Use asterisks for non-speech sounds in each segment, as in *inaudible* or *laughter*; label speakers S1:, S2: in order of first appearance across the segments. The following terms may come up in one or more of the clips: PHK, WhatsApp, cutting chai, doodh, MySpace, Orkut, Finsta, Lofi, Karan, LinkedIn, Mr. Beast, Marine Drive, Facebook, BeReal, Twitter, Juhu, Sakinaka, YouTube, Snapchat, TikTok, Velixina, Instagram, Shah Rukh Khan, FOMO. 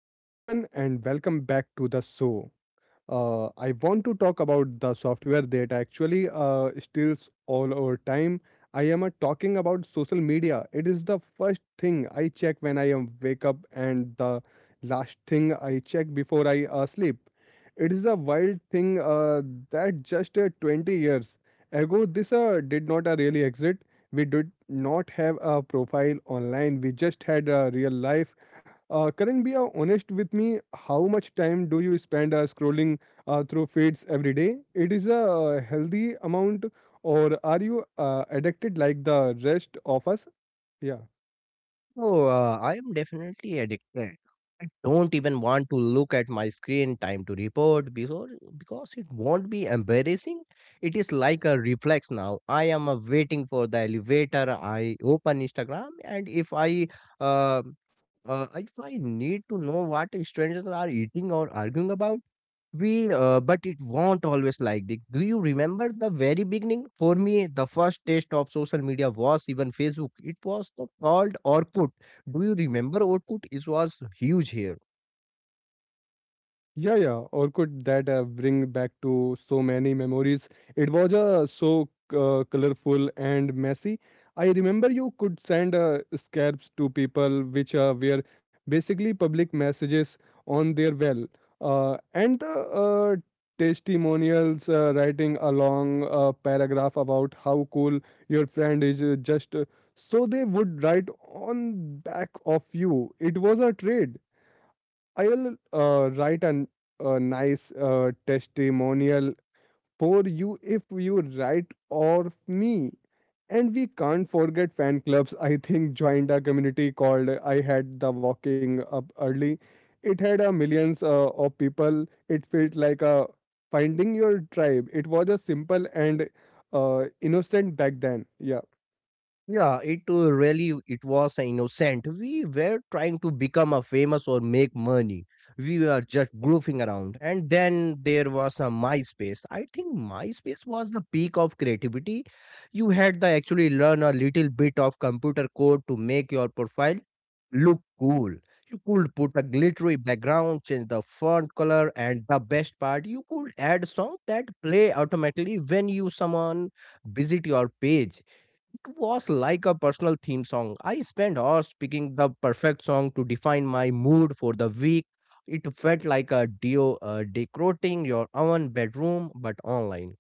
S1: Hello, everyone, and welcome back to the show. I want to talk about the software that actually steals all our time. I am talking about social media. It is the first thing I check when I am wake up and the last thing I check before I sleep. It is a wild thing that just 20 years ago this did not really exist. We did not have a profile online. We just had a real life Karan, be honest with me. How much time do you spend scrolling through feeds every day? It is a healthy amount, or are you addicted like the rest of us? Yeah.
S2: Oh, I am definitely addicted. I don't even want to look at my screen time to report because it won't be embarrassing. It is like a reflex now. I am waiting for the elevator. I open Instagram, and uh, if I need to know what strangers are eating or arguing about, but it won't always like this. Do you remember the very beginning? For me, the first taste of social media was even Facebook. It was the called Orkut. Do you remember Orkut? It was huge here.
S1: Yeah, yeah. Or could that bring back to so many memories? It was so colorful and messy. I remember you could send scraps to people, which were basically public messages on their well. And the testimonials writing a long paragraph about how cool your friend is, just so they would write on back of you. It was a trade I'll write an, a nice testimonial for you if you write or me. And we can't forget fan clubs. I think joined a community called I Had the Walking Up Early. It had a millions of people. It felt like a finding your tribe. It was a simple and innocent back then. Yeah.
S2: Yeah, it really it was innocent. We were trying to become a famous or make money. We were just goofing around. And then there was a MySpace. I think MySpace was the peak of creativity. You had to actually learn a little bit of computer code to make your profile look cool. You could put a glittery background, change the font color, and the best part, you could add songs that play automatically when you someone visit your page. It was like a personal theme song. I spent hours picking the perfect song to define my mood for the week. It felt like a duo decorating your own bedroom but online.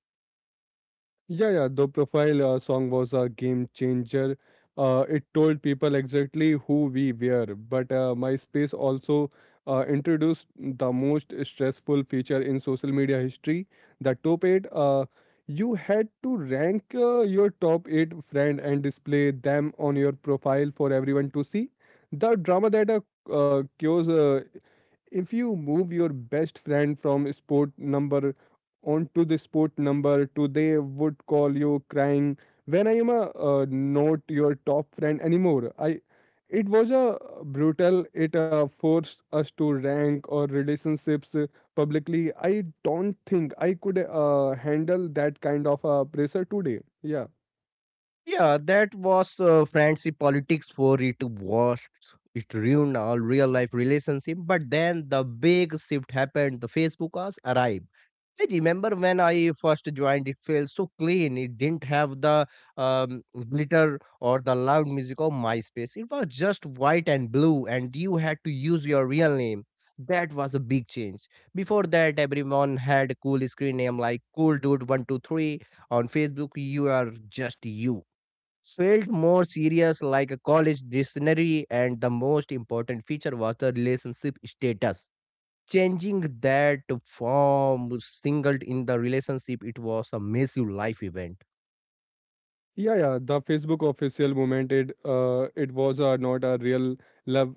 S1: Yeah, yeah. The profile song was a game changer. It told people exactly who we were. But MySpace also introduced the most stressful feature in social media history, the top eight. You had to rank your top eight friend and display them on your profile for everyone to see. The drama that cures if you move your best friend from sport number onto the sport number today would call you crying. When I am a, not your top friend anymore, I it was a brutal. It forced us to rank our relationships publicly. I don't think I could handle that kind of pressure today. Yeah.
S2: Yeah, that was fancy politics for it was. It ruined our real life relationship. But then the big shift happened. The Facebook ads arrived. I remember when I first joined, it felt so clean. It didn't have the um, glitter or the loud music of MySpace. It was just white and blue, and you had to use your real name. That was a big change. Before that, everyone had a cool screen name like Cool Dude 123. On Facebook, you are just you. Felt more serious, like a college dictionary, and the most important feature was the relationship status changing that from singled in the relationship. It was a massive life event.
S1: Yeah, yeah. The Facebook official moment it it was not a real love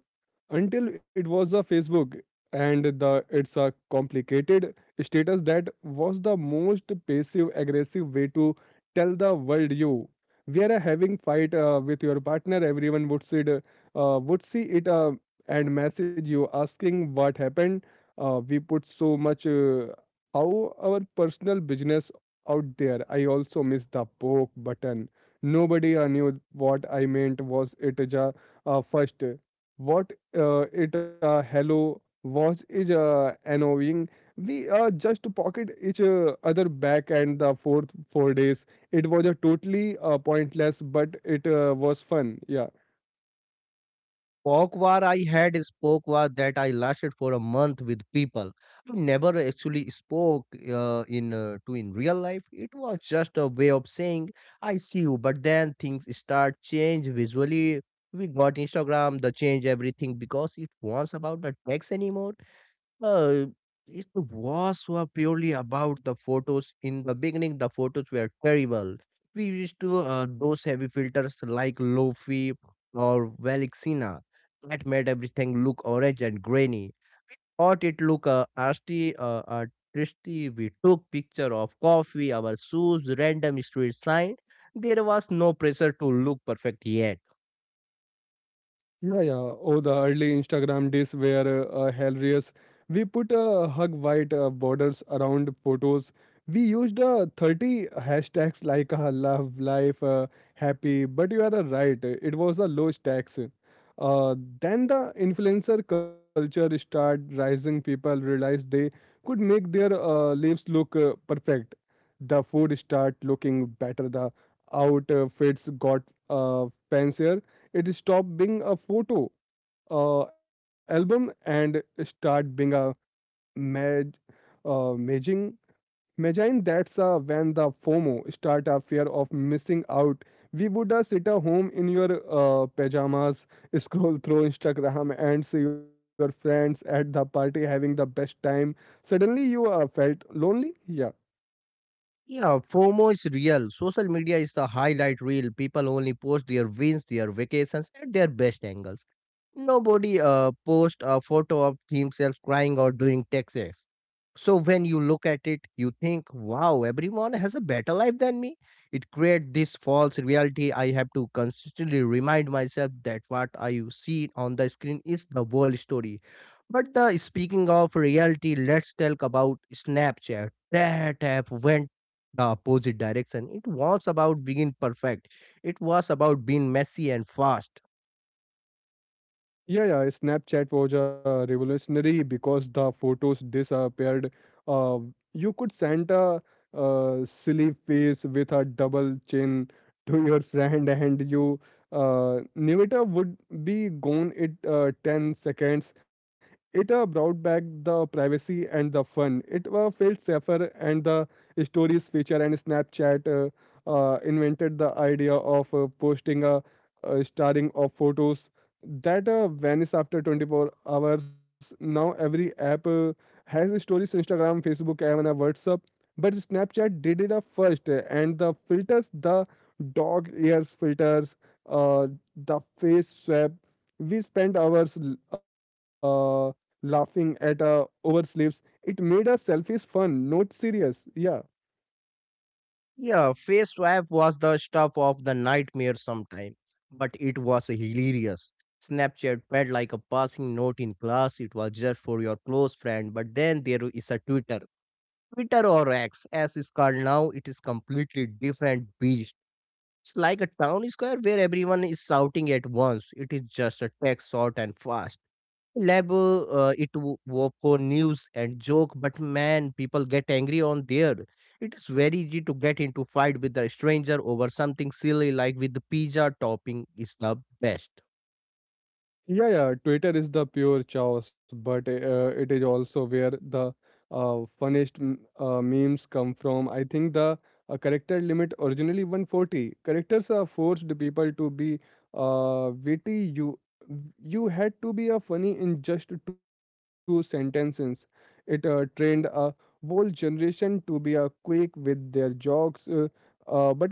S1: until it was a Facebook and the it's a complicated status that was the most passive aggressive way to tell the world you we are having fight with your partner everyone would see it and message you asking what happened we put so much how our personal business out there I also miss the poke button. Nobody knew what I meant. Was it ja, first? What it hello was is annoying. We just pocket each other back and the fourth four days. It was a totally pointless, but it was fun. Yeah.
S2: Folk war I had is folk war that I lasted for a month with people. I never actually spoke in to in real life. It was just a way of saying I see you. But then things start change visually. We got Instagram, the change everything because it was about the text anymore. Uh, it was were purely about the photos. In the beginning, the photos were terrible. We used to those heavy filters like Lofi or Velixina that made everything look orange and grainy. Or it look arty, tristy. We took picture of coffee, our shoes, random street sign. There was no pressure to look perfect yet.
S1: Yeah, yeah. Oh, the early Instagram days were hilarious. We put hug white borders around photos. We used 30 hashtags like love, life, happy. But you are right, it was a low stacks. Then the influencer culture started rising. People realized they could make their lives look perfect. The food start looking better. The outfits got fancier it stopped being a photo album and start being a mag, maging. Magine, that's when the FOMO start a fear of missing out. We would sit at home in your pajamas, *laughs* scroll through Instagram and see your friends at the party having the best time. Suddenly you felt lonely. Yeah.
S2: Yeah, FOMO is real. Social media is the highlight reel. People only post their wins, their vacations, and their best angles. Nobody post a photo of themselves crying or doing taxes. So when you look at it, you think, wow, everyone has a better life than me. It creates this false reality. I have to consistently remind myself that what I see on the screen is the whole story. But the speaking of reality, let's talk about Snapchat. That app went the opposite direction. It was about being perfect. It was about being messy and fast.
S1: Yeah, yeah. Snapchat was revolutionary because the photos disappeared. Uh, you could send a silly face with a double chin *laughs* to your friend, and you Nivita would be gone in 10 seconds. It brought back the privacy and the fun. It felt safer, and the stories feature and Snapchat invented the idea of posting a starting of photos that vanish after 24 hours. Now every app has stories, Instagram, Facebook, and a WhatsApp. But Snapchat did it up first, and the filters, the dog ears filters, uh, the face swap. We spent hours uh, laughing at oversleeps. It made our selfies fun, not serious. Yeah.
S2: Yeah, face swap was the stuff of the nightmare sometime, but it was hilarious. Snapchat felt like a passing note in class. It was just for your close friend, but then there is a Twitter. Twitter or X, as it's called now, it is completely different beast. It's like a town square where everyone is shouting at once. It is just a text short and fast. Lab, was for news and joke, but man, people get angry on there. It is very easy to get into fight with a stranger over something silly like with the pizza topping is the best.
S1: Yeah, yeah. Twitter is the pure chaos, but it is also where the funniest memes come from. I think the character limit originally 140 characters are forced people to be witty. You had to be a funny in just two sentences. It trained a whole generation to be a quick with their jokes. But I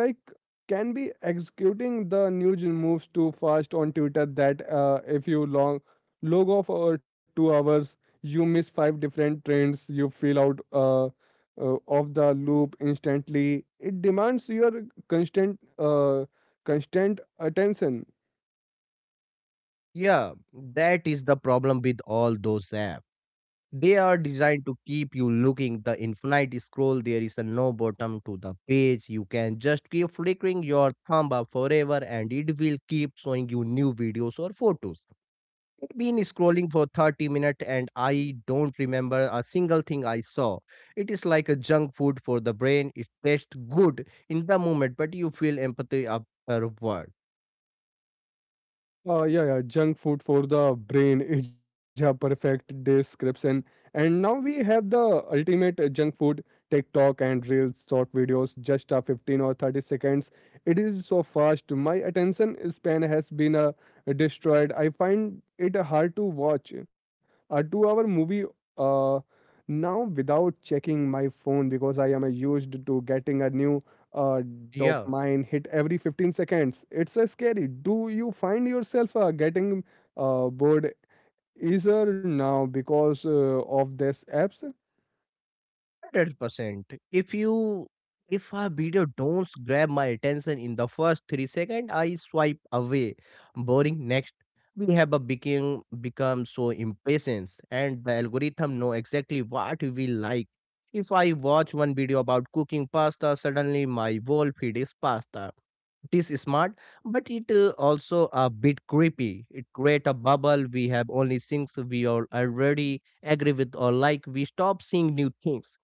S1: can be executing the news moves too fast on Twitter that if you long log off for 2 hours, you miss five different trends. You feel out of the loop instantly. It demands your constant uh, constant attention.
S2: Yeah, that is the problem with all those apps. They are designed to keep you looking the infinite scroll. There is a no bottom to the page. You can just keep flickering your thumb up forever and it will keep showing you new videos or photos. I'd been scrolling for 30 minutes and I don't remember a single thing I saw. It is like a junk food for the brain. It tastes good in the moment, but you feel empathy afterward.
S1: Yeah, yeah, junk food for the brain *laughs* is a perfect description. And now we have the ultimate junk food TikTok and Reels short videos, just a 15 or 30 seconds. It is so fast. My attention span has been destroyed. I find it hard to watch a 2 hour movie uh, now without checking my phone because I am used to getting a new uh,
S2: Yeah.
S1: dopamine hit every 15 seconds. It's scary. Do you find yourself getting bored easier now because of these apps?
S2: 100%. If you if a video don't grab my attention in the first 3 seconds, I swipe away. Boring next. We have a become so impatient and the algorithm know exactly what we like. If I watch one video about cooking pasta, suddenly my whole feed is pasta. It is smart, but it also a bit creepy. It create a bubble. We have only things we all already agree with or like. We stop seeing new things.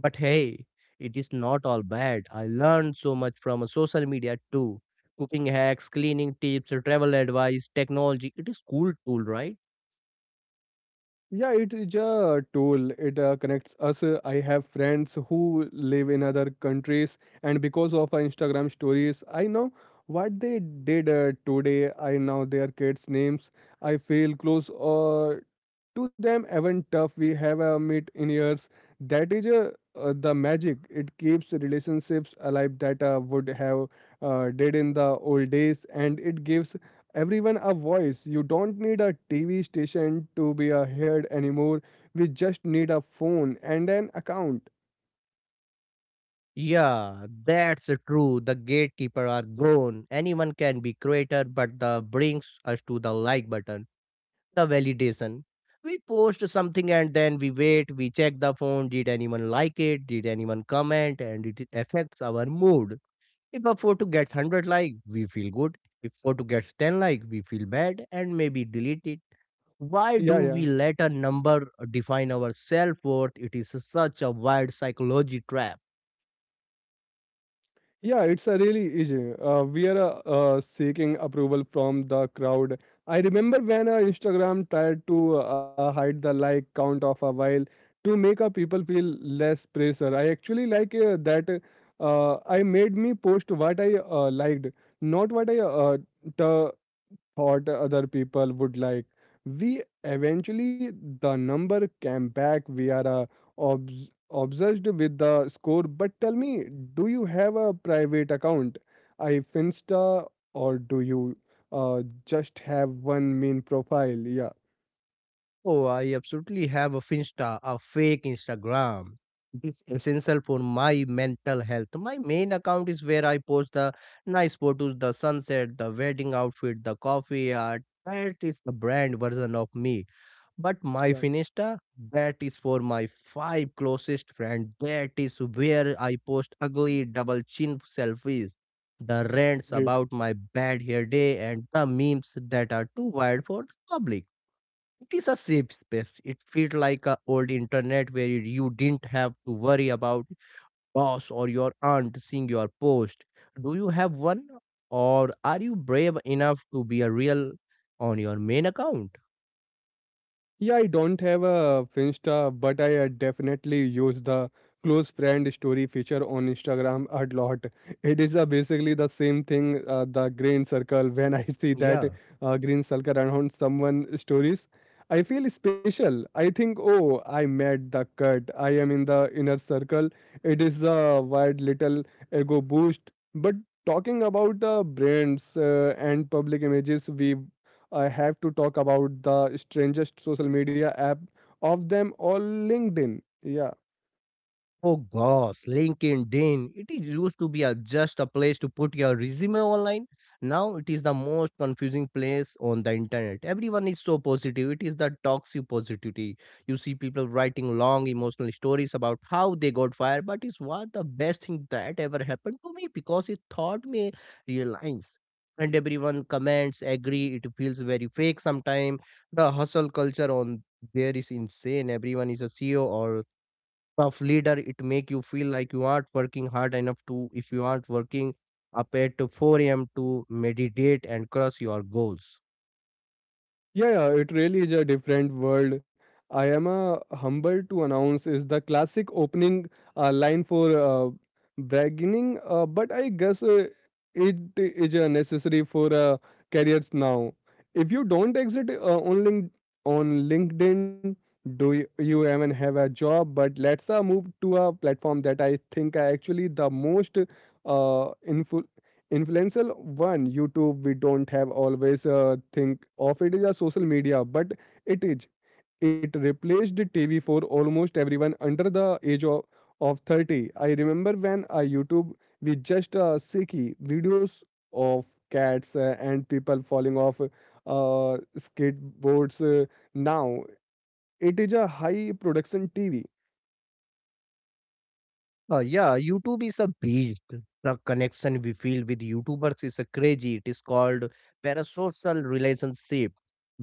S2: But hey, it is not all bad. I learned so much from a social media too. Cooking hacks, cleaning tips, travel advice, technology. It is cool tool, right?
S1: Yeah, it is a tool. It connects us. I have friends who live in other countries, and because of Instagram stories, I know what they did today. I know their kids' names. I feel close to them even tough we have a meet in years that is the magic it keeps relationships alive that would have did in the old days and it gives everyone a voice you don't need a tv station to be a heard anymore we just need a phone and an account.
S2: Yeah, that's true. The gatekeeper are gone. Anyone can be creator, but the brings us to the like button, the validation. We post something and then we wait, we check the phone, did anyone like it, did anyone comment, and it affects our mood. If a photo gets 100 like, we feel good. If photo gets 10 like, we feel bad and maybe delete it. Why do
S1: Yeah,
S2: we
S1: yeah.
S2: let a number define our self-worth? It is such a wild psychology trap.
S1: Yeah, it's a really easy. We are seeking approval from the crowd. I remember when Instagram tried to hide the like count of a while to make people feel less pressure. I actually like that. I made me post what I liked, not what I t- thought other people would like. We eventually, the number came back. We are obsessed with the score. But tell me, do you have a private account, I Finsta, or do you just have one main profile? Yeah,
S2: Oh, I absolutely have a Finsta, a fake Instagram. It is essential for my mental health. My main account is where I post the nice photos, the sunset, the wedding outfit, the coffee art. That is the brand version of me. But
S1: yeah,
S2: my Finista, that is for my five closest friends. That is where I post ugly double chin selfies, the rants
S1: great.
S2: about my bad hair day, and the memes that are too wild for the public. It is a safe space. It feels like a old internet where you didn't have to worry about boss or your aunt seeing your post. Do you have one, or are you brave enough to be a real on your main account?
S1: Yeah, I don't have a Finsta, but I definitely use the close friend story feature on Instagram a lot. It is basically the same thing, the green circle. *laughs* When I see that
S2: Yeah.
S1: green circle around someone stories, I feel special. I think, oh, I met the cut. I am in the inner circle. It is a wild little ego boost. But talking about the brands and public images we I have to talk about the strangest social media app of them all, LinkedIn. Yeah.
S2: Oh gosh, LinkedIn. It is used to be a, just a place to put your resume online. Now it is the most confusing place on the internet. Everyone is so positive. It is the toxic positivity. You see people writing long emotional stories about how they got fired, but it's what the best thing that ever happened to me because it taught me real lines. And everyone comments, agree. It feels very fake sometimes. The hustle culture on there is insane. Everyone is a CEO or of leader it make you feel like you aren't working hard enough to if you aren't working up at 4 a.m to meditate and cross your goals.
S1: Yeah, yeah, it really is a different world. I am humbled to announce is the classic opening line for bragging, but I guess it is necessary for careers now. If you don't exit on LinkedIn, do you, you even have a job? But let's move to a platform that I think are actually the most uh, influential one youtube we don't have always think of it as a social media but it is it replaced the tv for almost everyone under the age of 30 I remember when I youtube we just see videos of cats and people falling off skateboards now it is a high production tv.
S2: Yeah, YouTube is a beast. The connection we feel with YouTubers is a crazy. It is called parasocial relationship.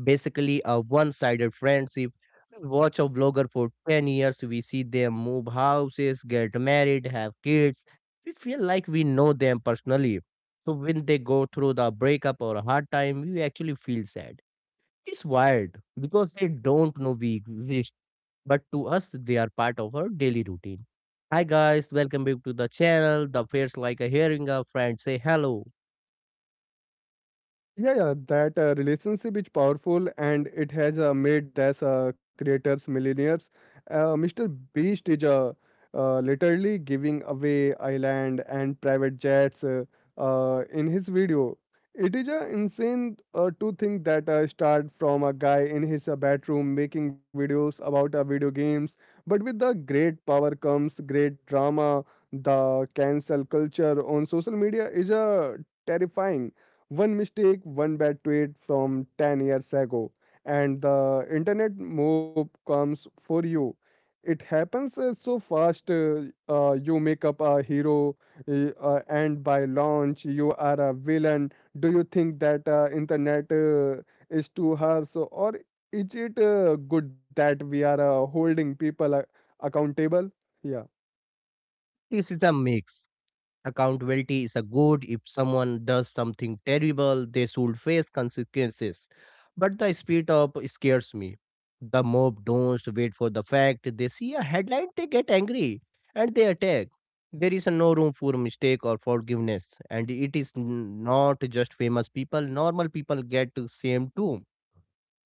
S2: Basically, a one-sided friendship. We watch a vlogger for 10 years. We see them move houses, get married, have kids. We feel like we know them personally. So when they go through the breakup or a hard time, we actually feel sad. It's wild because they don't know we exist, but to us, they are part of our daily routine. Hi guys, welcome back to the channel. The feels like a hearing a friend say hello.
S1: Yeah, yeah, that relationship is powerful and it has made these creators millionaires. Mr. Beast is literally giving away island and private jets in his video. It is insane to think that start from a guy in his bedroom making videos about video games, but with the great power comes great drama. The cancel culture on social media is terrifying one mistake, one bad tweet from 10 years ago, and the internet mob comes for you. It happens so fast, you make up a hero, and by launch, you are a villain. Do you think that internet is too harsh, or is it good that we are holding people accountable? Yeah.
S2: This is a mix. Accountability is a good. If someone does something terrible, they should face consequences. But the spirit of scares me. The mob don't wait for the fact. They see a headline, they get angry and they attack. There is no room for mistake or forgiveness. And it is not just famous people, normal people get shamed too.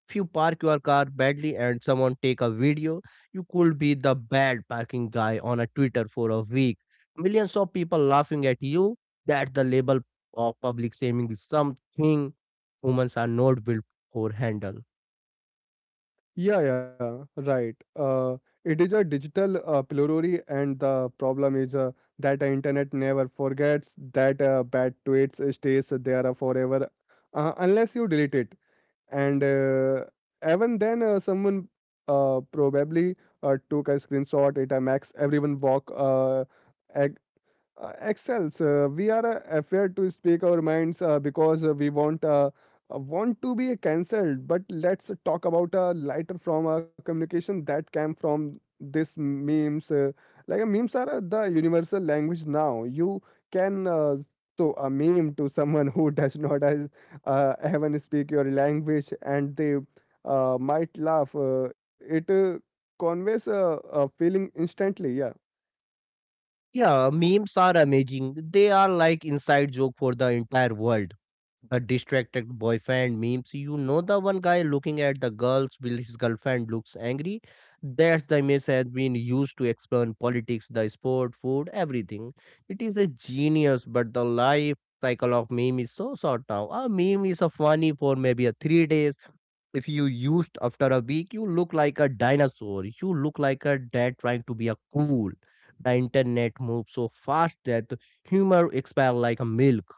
S2: If you park your car badly and someone take a video, you could be the bad parking guy on a Twitter for a week. Millions of people laughing at you. That the label of public shaming is something humans are not built for handle.
S1: Yeah, yeah, right. It is a digital plurality, and the problem is that the internet never forgets that bad tweets stays there forever, unless you delete it. And even then, someone probably took a screenshot. It makes everyone walk ag- excels. We are afraid to speak our minds because we want to be cancelled. But let's talk about a lighter from a communication that came from this memes. Memes are the universal language now. You can. So a meme to someone who *laughs* does not as even speak your language and they might laugh it conveys a feeling instantly, yeah.
S2: Yeah, memes are amazing. They are like inside joke for the entire world. The distracted boyfriend memes. You know the one guy looking at the girls while his girlfriend looks angry. That's the image has been used to explain politics, the sport, food, everything. It is a genius, but the life cycle of meme is so short now. A meme is a funny for maybe a 3 days, if you used after a week, you look like a dinosaur. You look like a dad trying to be a cool. The internet moves so fast that humor expires like a milk.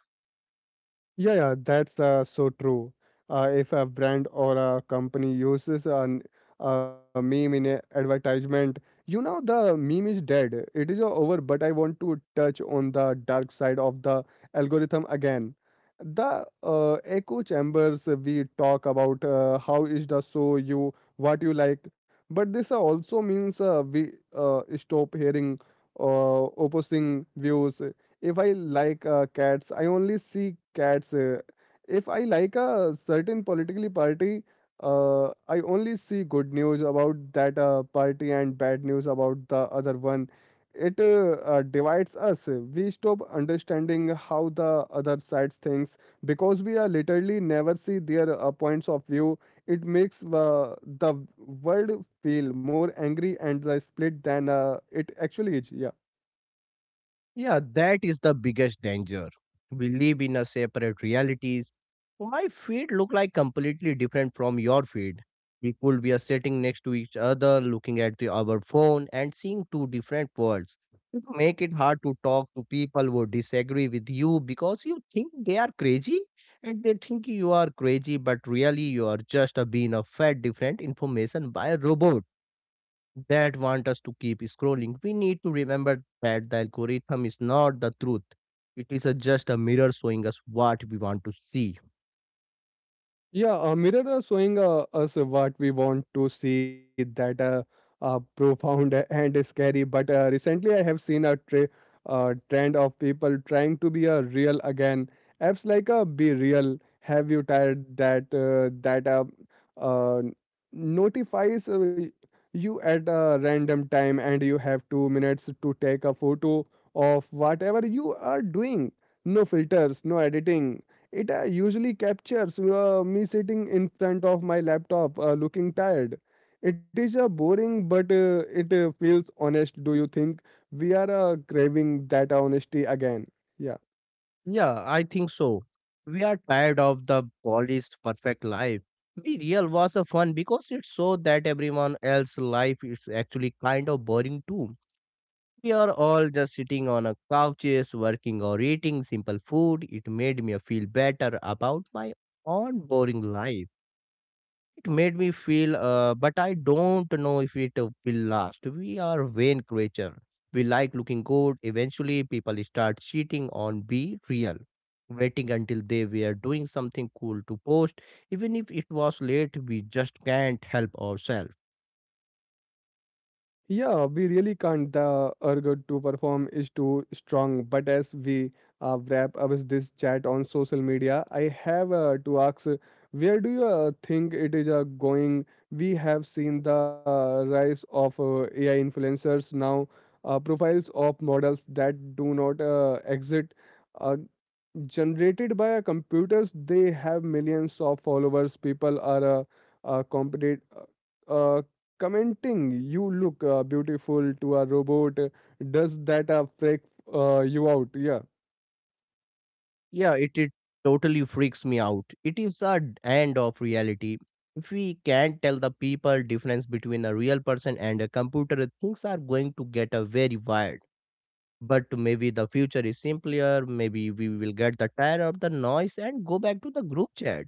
S1: Yeah, yeah, that's so true. If a brand or a company uses a meme in an advertisement, you know the meme is dead. It is over, but I want to touch on the dark side of the algorithm again. The echo chambers we talk about how is the show you what you like, but this also means we stop hearing opposing views. If I like cats, I only see cats. If I like a certain politically party, I only see good news about that party and bad news about the other one. It divides us. We stop understanding how the other sides thinks because we are literally never see their points of view. It makes the world feel more angry and the split than it actually is, yeah.
S2: Yeah, that is the biggest danger. We live in a separate realities. My feed look like completely different from your feed. We could be sitting next to each other, looking at the, our phone and seeing two different worlds. It make it hard to talk to people who disagree with you because you think they are crazy and they think you are crazy, but really you are just being a fed different information by a robot that want us to keep scrolling. We need to remember that the algorithm is not the truth. It is a, just a mirror showing us what we want to see.
S1: Yeah, a mirror showing us what we want to see. That profound *laughs* and scary. But recently, I have seen a trend of people trying to be a real again. Apps like Be Real, Have You Tired that uh, notifies you at a random time, and you have 2 minutes to take a photo of whatever you are doing. No filters, no editing. It usually captures me sitting in front of my laptop looking tired. It is boring, but it feels honest. Do you think we are craving that honesty again? Yeah.
S2: Yeah, I think so. We are tired of the polished perfect life. Be real was a fun because it showed that everyone else's life is actually kind of boring too. We are all just sitting on a couches, working or eating simple food. It made me feel better about my own boring life. It made me feel, but I don't know if it will last. We are vain creature. We like looking good. Eventually, people start cheating on be real, waiting until they were doing something cool to post. Even if it was late, we just can't help ourselves.
S1: Yeah, we really can't. The urge to perform is too strong. But as we wrap up this chat on social media, I have to ask, where do you think it is going? We have seen the rise of AI influencers now, profiles of models that do not exist. Uh, Generated by a computers, they have millions of followers. People are competent, uh, uh, commenting you look beautiful to a robot. Does that freak you out, yeah?
S2: Yeah, it totally freaks me out. It is the end of reality. If we can't tell the people difference between a real person and a computer, things are going to get a very wild. But maybe the future is simpler. Maybe we will get the tired of the noise and go back to the group chat.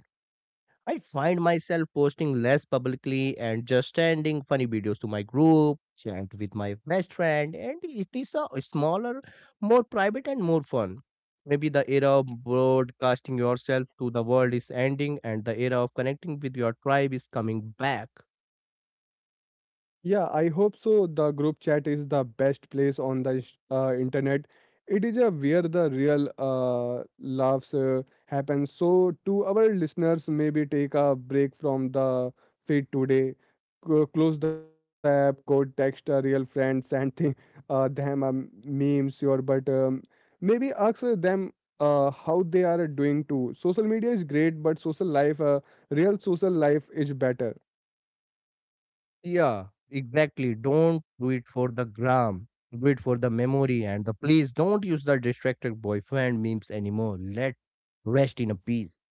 S2: I find myself posting less publicly and just sending funny videos to my group chat with my best friend, and it is a smaller, more private, and more fun. Maybe the era of broadcasting yourself to the world is ending, and the era of connecting with your tribe is coming back.
S1: Yeah, I hope so. The group chat is the best place on the internet. It is where the real laughs happen. So, to our listeners, maybe take a break from the feed today. Close the app, go text a real friend, send thing, *laughs* them memes, your but maybe ask them how they are doing too. Social media is great, but social life, real social life is better.
S2: Yeah, exactly. Don't do it for the gram. Do it for the memory and the please don't use the distracted boyfriend memes anymore. Let rest in a peace.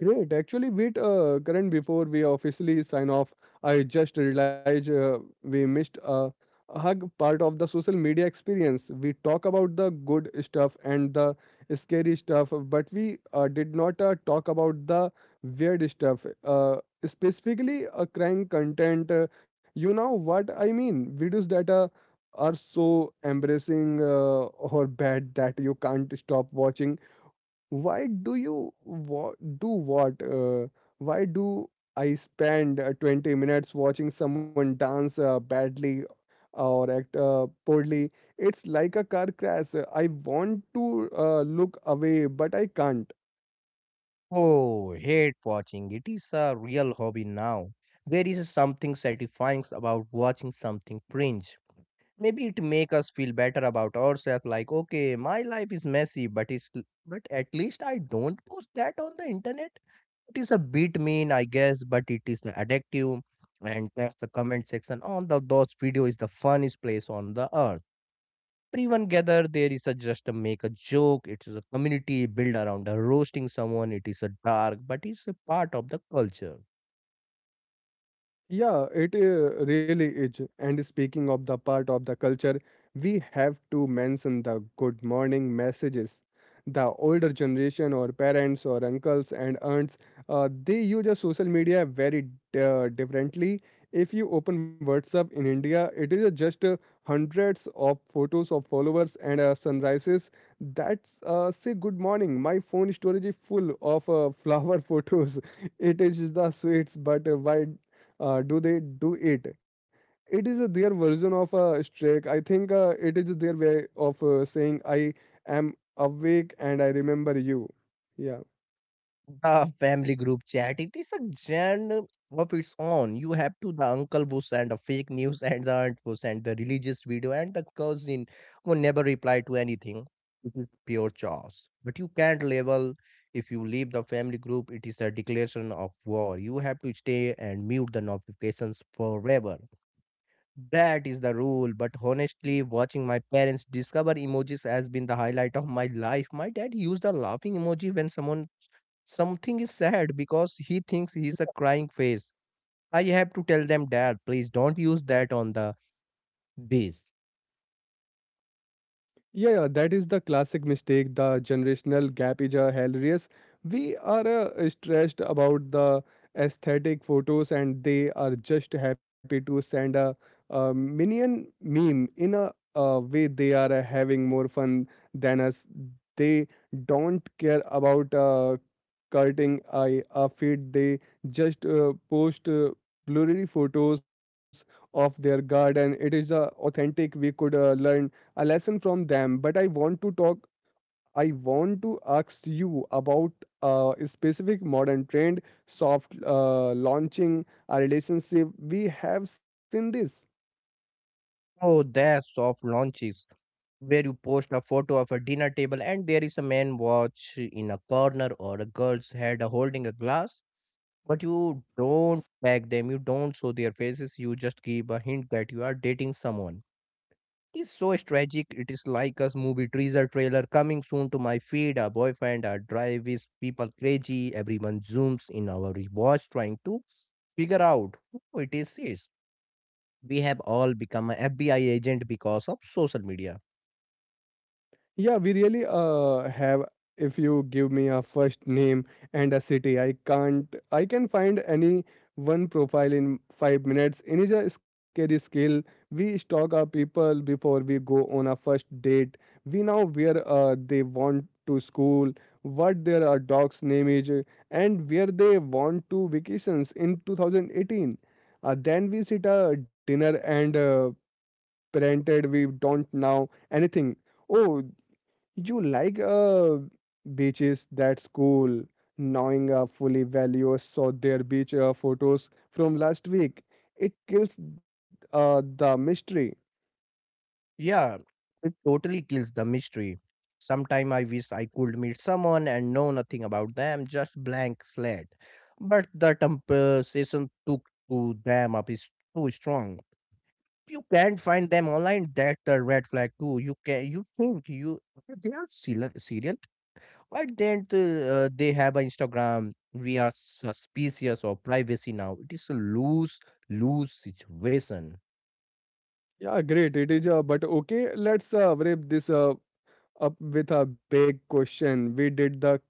S1: Great. Actually, wait, Karan, before we officially sign off, I just realized we missed a hug part of the social media experience. We talk about the good stuff and the scary stuff, but we did not talk about the weird stuff. Specifically, crying content. You know what I mean? Videos that are so embarrassing or bad that you can't stop watching. Why do you wa- do what why do I spend 20 minutes watching someone dance badly or act poorly. It's like a car crash. I want to look away, but I can't.
S2: Oh, hate watching. It is a real hobby now. There is something satisfying about watching something cringe. Maybe it make us feel better about ourselves like okay, my life is messy, but it's but at least I don't post that on the internet. It is a bit mean, I guess, but it is addictive. And that's the comment section on the those video is the funniest place on the earth. Everyone gather there is a just to make a joke. It is a community built around a roasting someone. It is a dark, but it's a part of the culture.
S1: Yeah, it really is. And speaking of the part of the culture, we have to mention the good morning messages. The older generation, or parents, or uncles and aunts, they use a social media very differently. If you open WhatsApp in India, it is just hundreds of photos of followers and sunrises that's say good morning. My phone storage is full of flower photos. *laughs* It is the sweets, but why do they do it? It is their version of a strike, I think. It is their way of saying I am awake and I remember you, yeah.
S2: The family group chat. It is a genre of its own. You have to the uncle who sent a fake news and the aunt who sent the religious video and the cousin who never replied to anything. It is pure chaos. But you can't label if you leave the family group, it is a declaration of war. You have to stay and mute the notifications forever. That is the rule. But honestly, watching my parents discover emojis has been the highlight of my life. My dad used a laughing emoji when someone something is sad because he thinks he's a crying face. I have to tell them, Dad, please don't use that on the base.
S1: Yeah, yeah, that is the classic mistake. The generational gap is hilarious. We are stressed about the aesthetic photos, and they are just happy to send a minion meme. In a way, they are having more fun than us. They don't care about cutting a feed. They just post blurry photos of their garden. It is authentic. We could learn a lesson from them. But I want to i ask you about a specific modern trend: soft launching a relationship. We have seen this.
S2: Oh, there's soft launches where you post a photo of a dinner table and there is a man watch in a corner or a girl's head holding a glass. But you don't tag them, you don't show their faces, you just give a hint that you are dating someone. It is so tragic. It is like a movie teaser trailer coming soon to my feed. Our boyfriend, our drive is people crazy. Everyone zooms in our watch trying to figure out who it is. We have all become an FBI agent because of social media.
S1: Yeah, we really have. If you give me a first name and a city, I can't. I can find any one profile in 5 minutes. It is a scary skill. We stalk our people before we go on a first date. We know where they want to school, what their dog's name is, and where they want to vacations in 2018. Then we sit a dinner and parented. We don't know anything. Oh, you like beaches, that's cool. Knowing fully value saw their beach photos from last week. It kills the mystery.
S2: Yeah, it totally kills the mystery. Sometime I wish I could meet someone and know nothing about them, just blank slate. But the temptation took to them up is too strong. You can't find them online, that's the red flag too. You can, you think you they are serial why didn't they have an Instagram? We are suspicious of privacy now, it is a lose lose situation.
S1: Yeah, great. It is, but okay, let's wrap this up. Up with a big question. We did the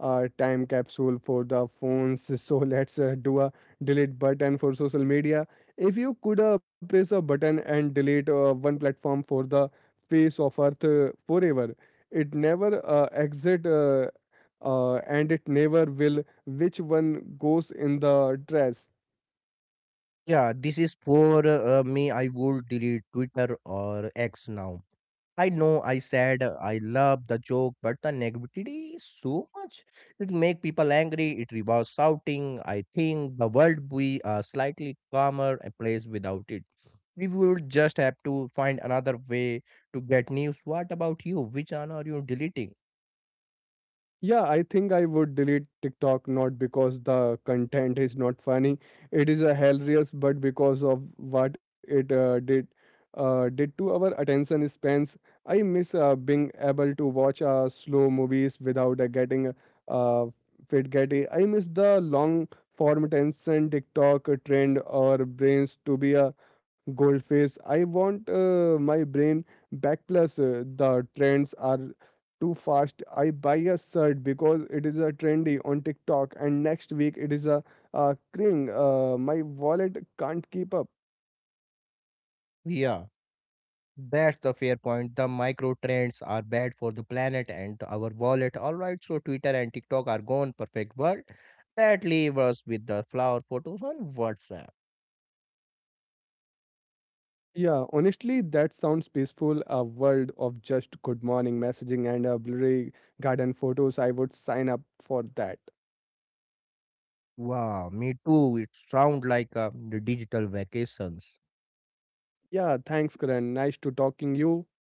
S1: time capsule for the phones, *laughs* so let's do a delete button for social media. If you could press a button and delete one platform for the face of Earth forever, it never exit. And it never will. Which one goes in the trash?
S2: Yeah, this is for me, I would delete Twitter or X now. I know I said I love the joke, but the negativity is so much. It make people angry. It rewards shouting. I think the world we a slightly calmer a place without it. We would just have to find another way to get news. What about you? Which one are you deleting?
S1: Yeah, I think I would delete TikTok, not because the content is not funny. It is a hilarious, but because of what it did to our attention spans. I miss being able to watch slow movies without getting uh, fit getty. I miss the long form attention TikTok trend or brains to be a goldfish. I want my brain back. Plus the trends are too fast. I buy a shirt because it is a trendy on TikTok, and next week it is a cring. My wallet can't keep up.
S2: Yeah, that's the fair point. The micro trends are bad for the planet and our wallet. All right, so Twitter and TikTok are gone. Perfect world. That leave us with the flower photos on WhatsApp.
S1: Yeah, honestly, that sounds peaceful. A world of just good morning messaging and a blurry garden photos. I would sign up for that.
S2: Wow, me too. It sounds like a digital vacations.
S1: Yeah, thanks, Karan. Nice to talking you.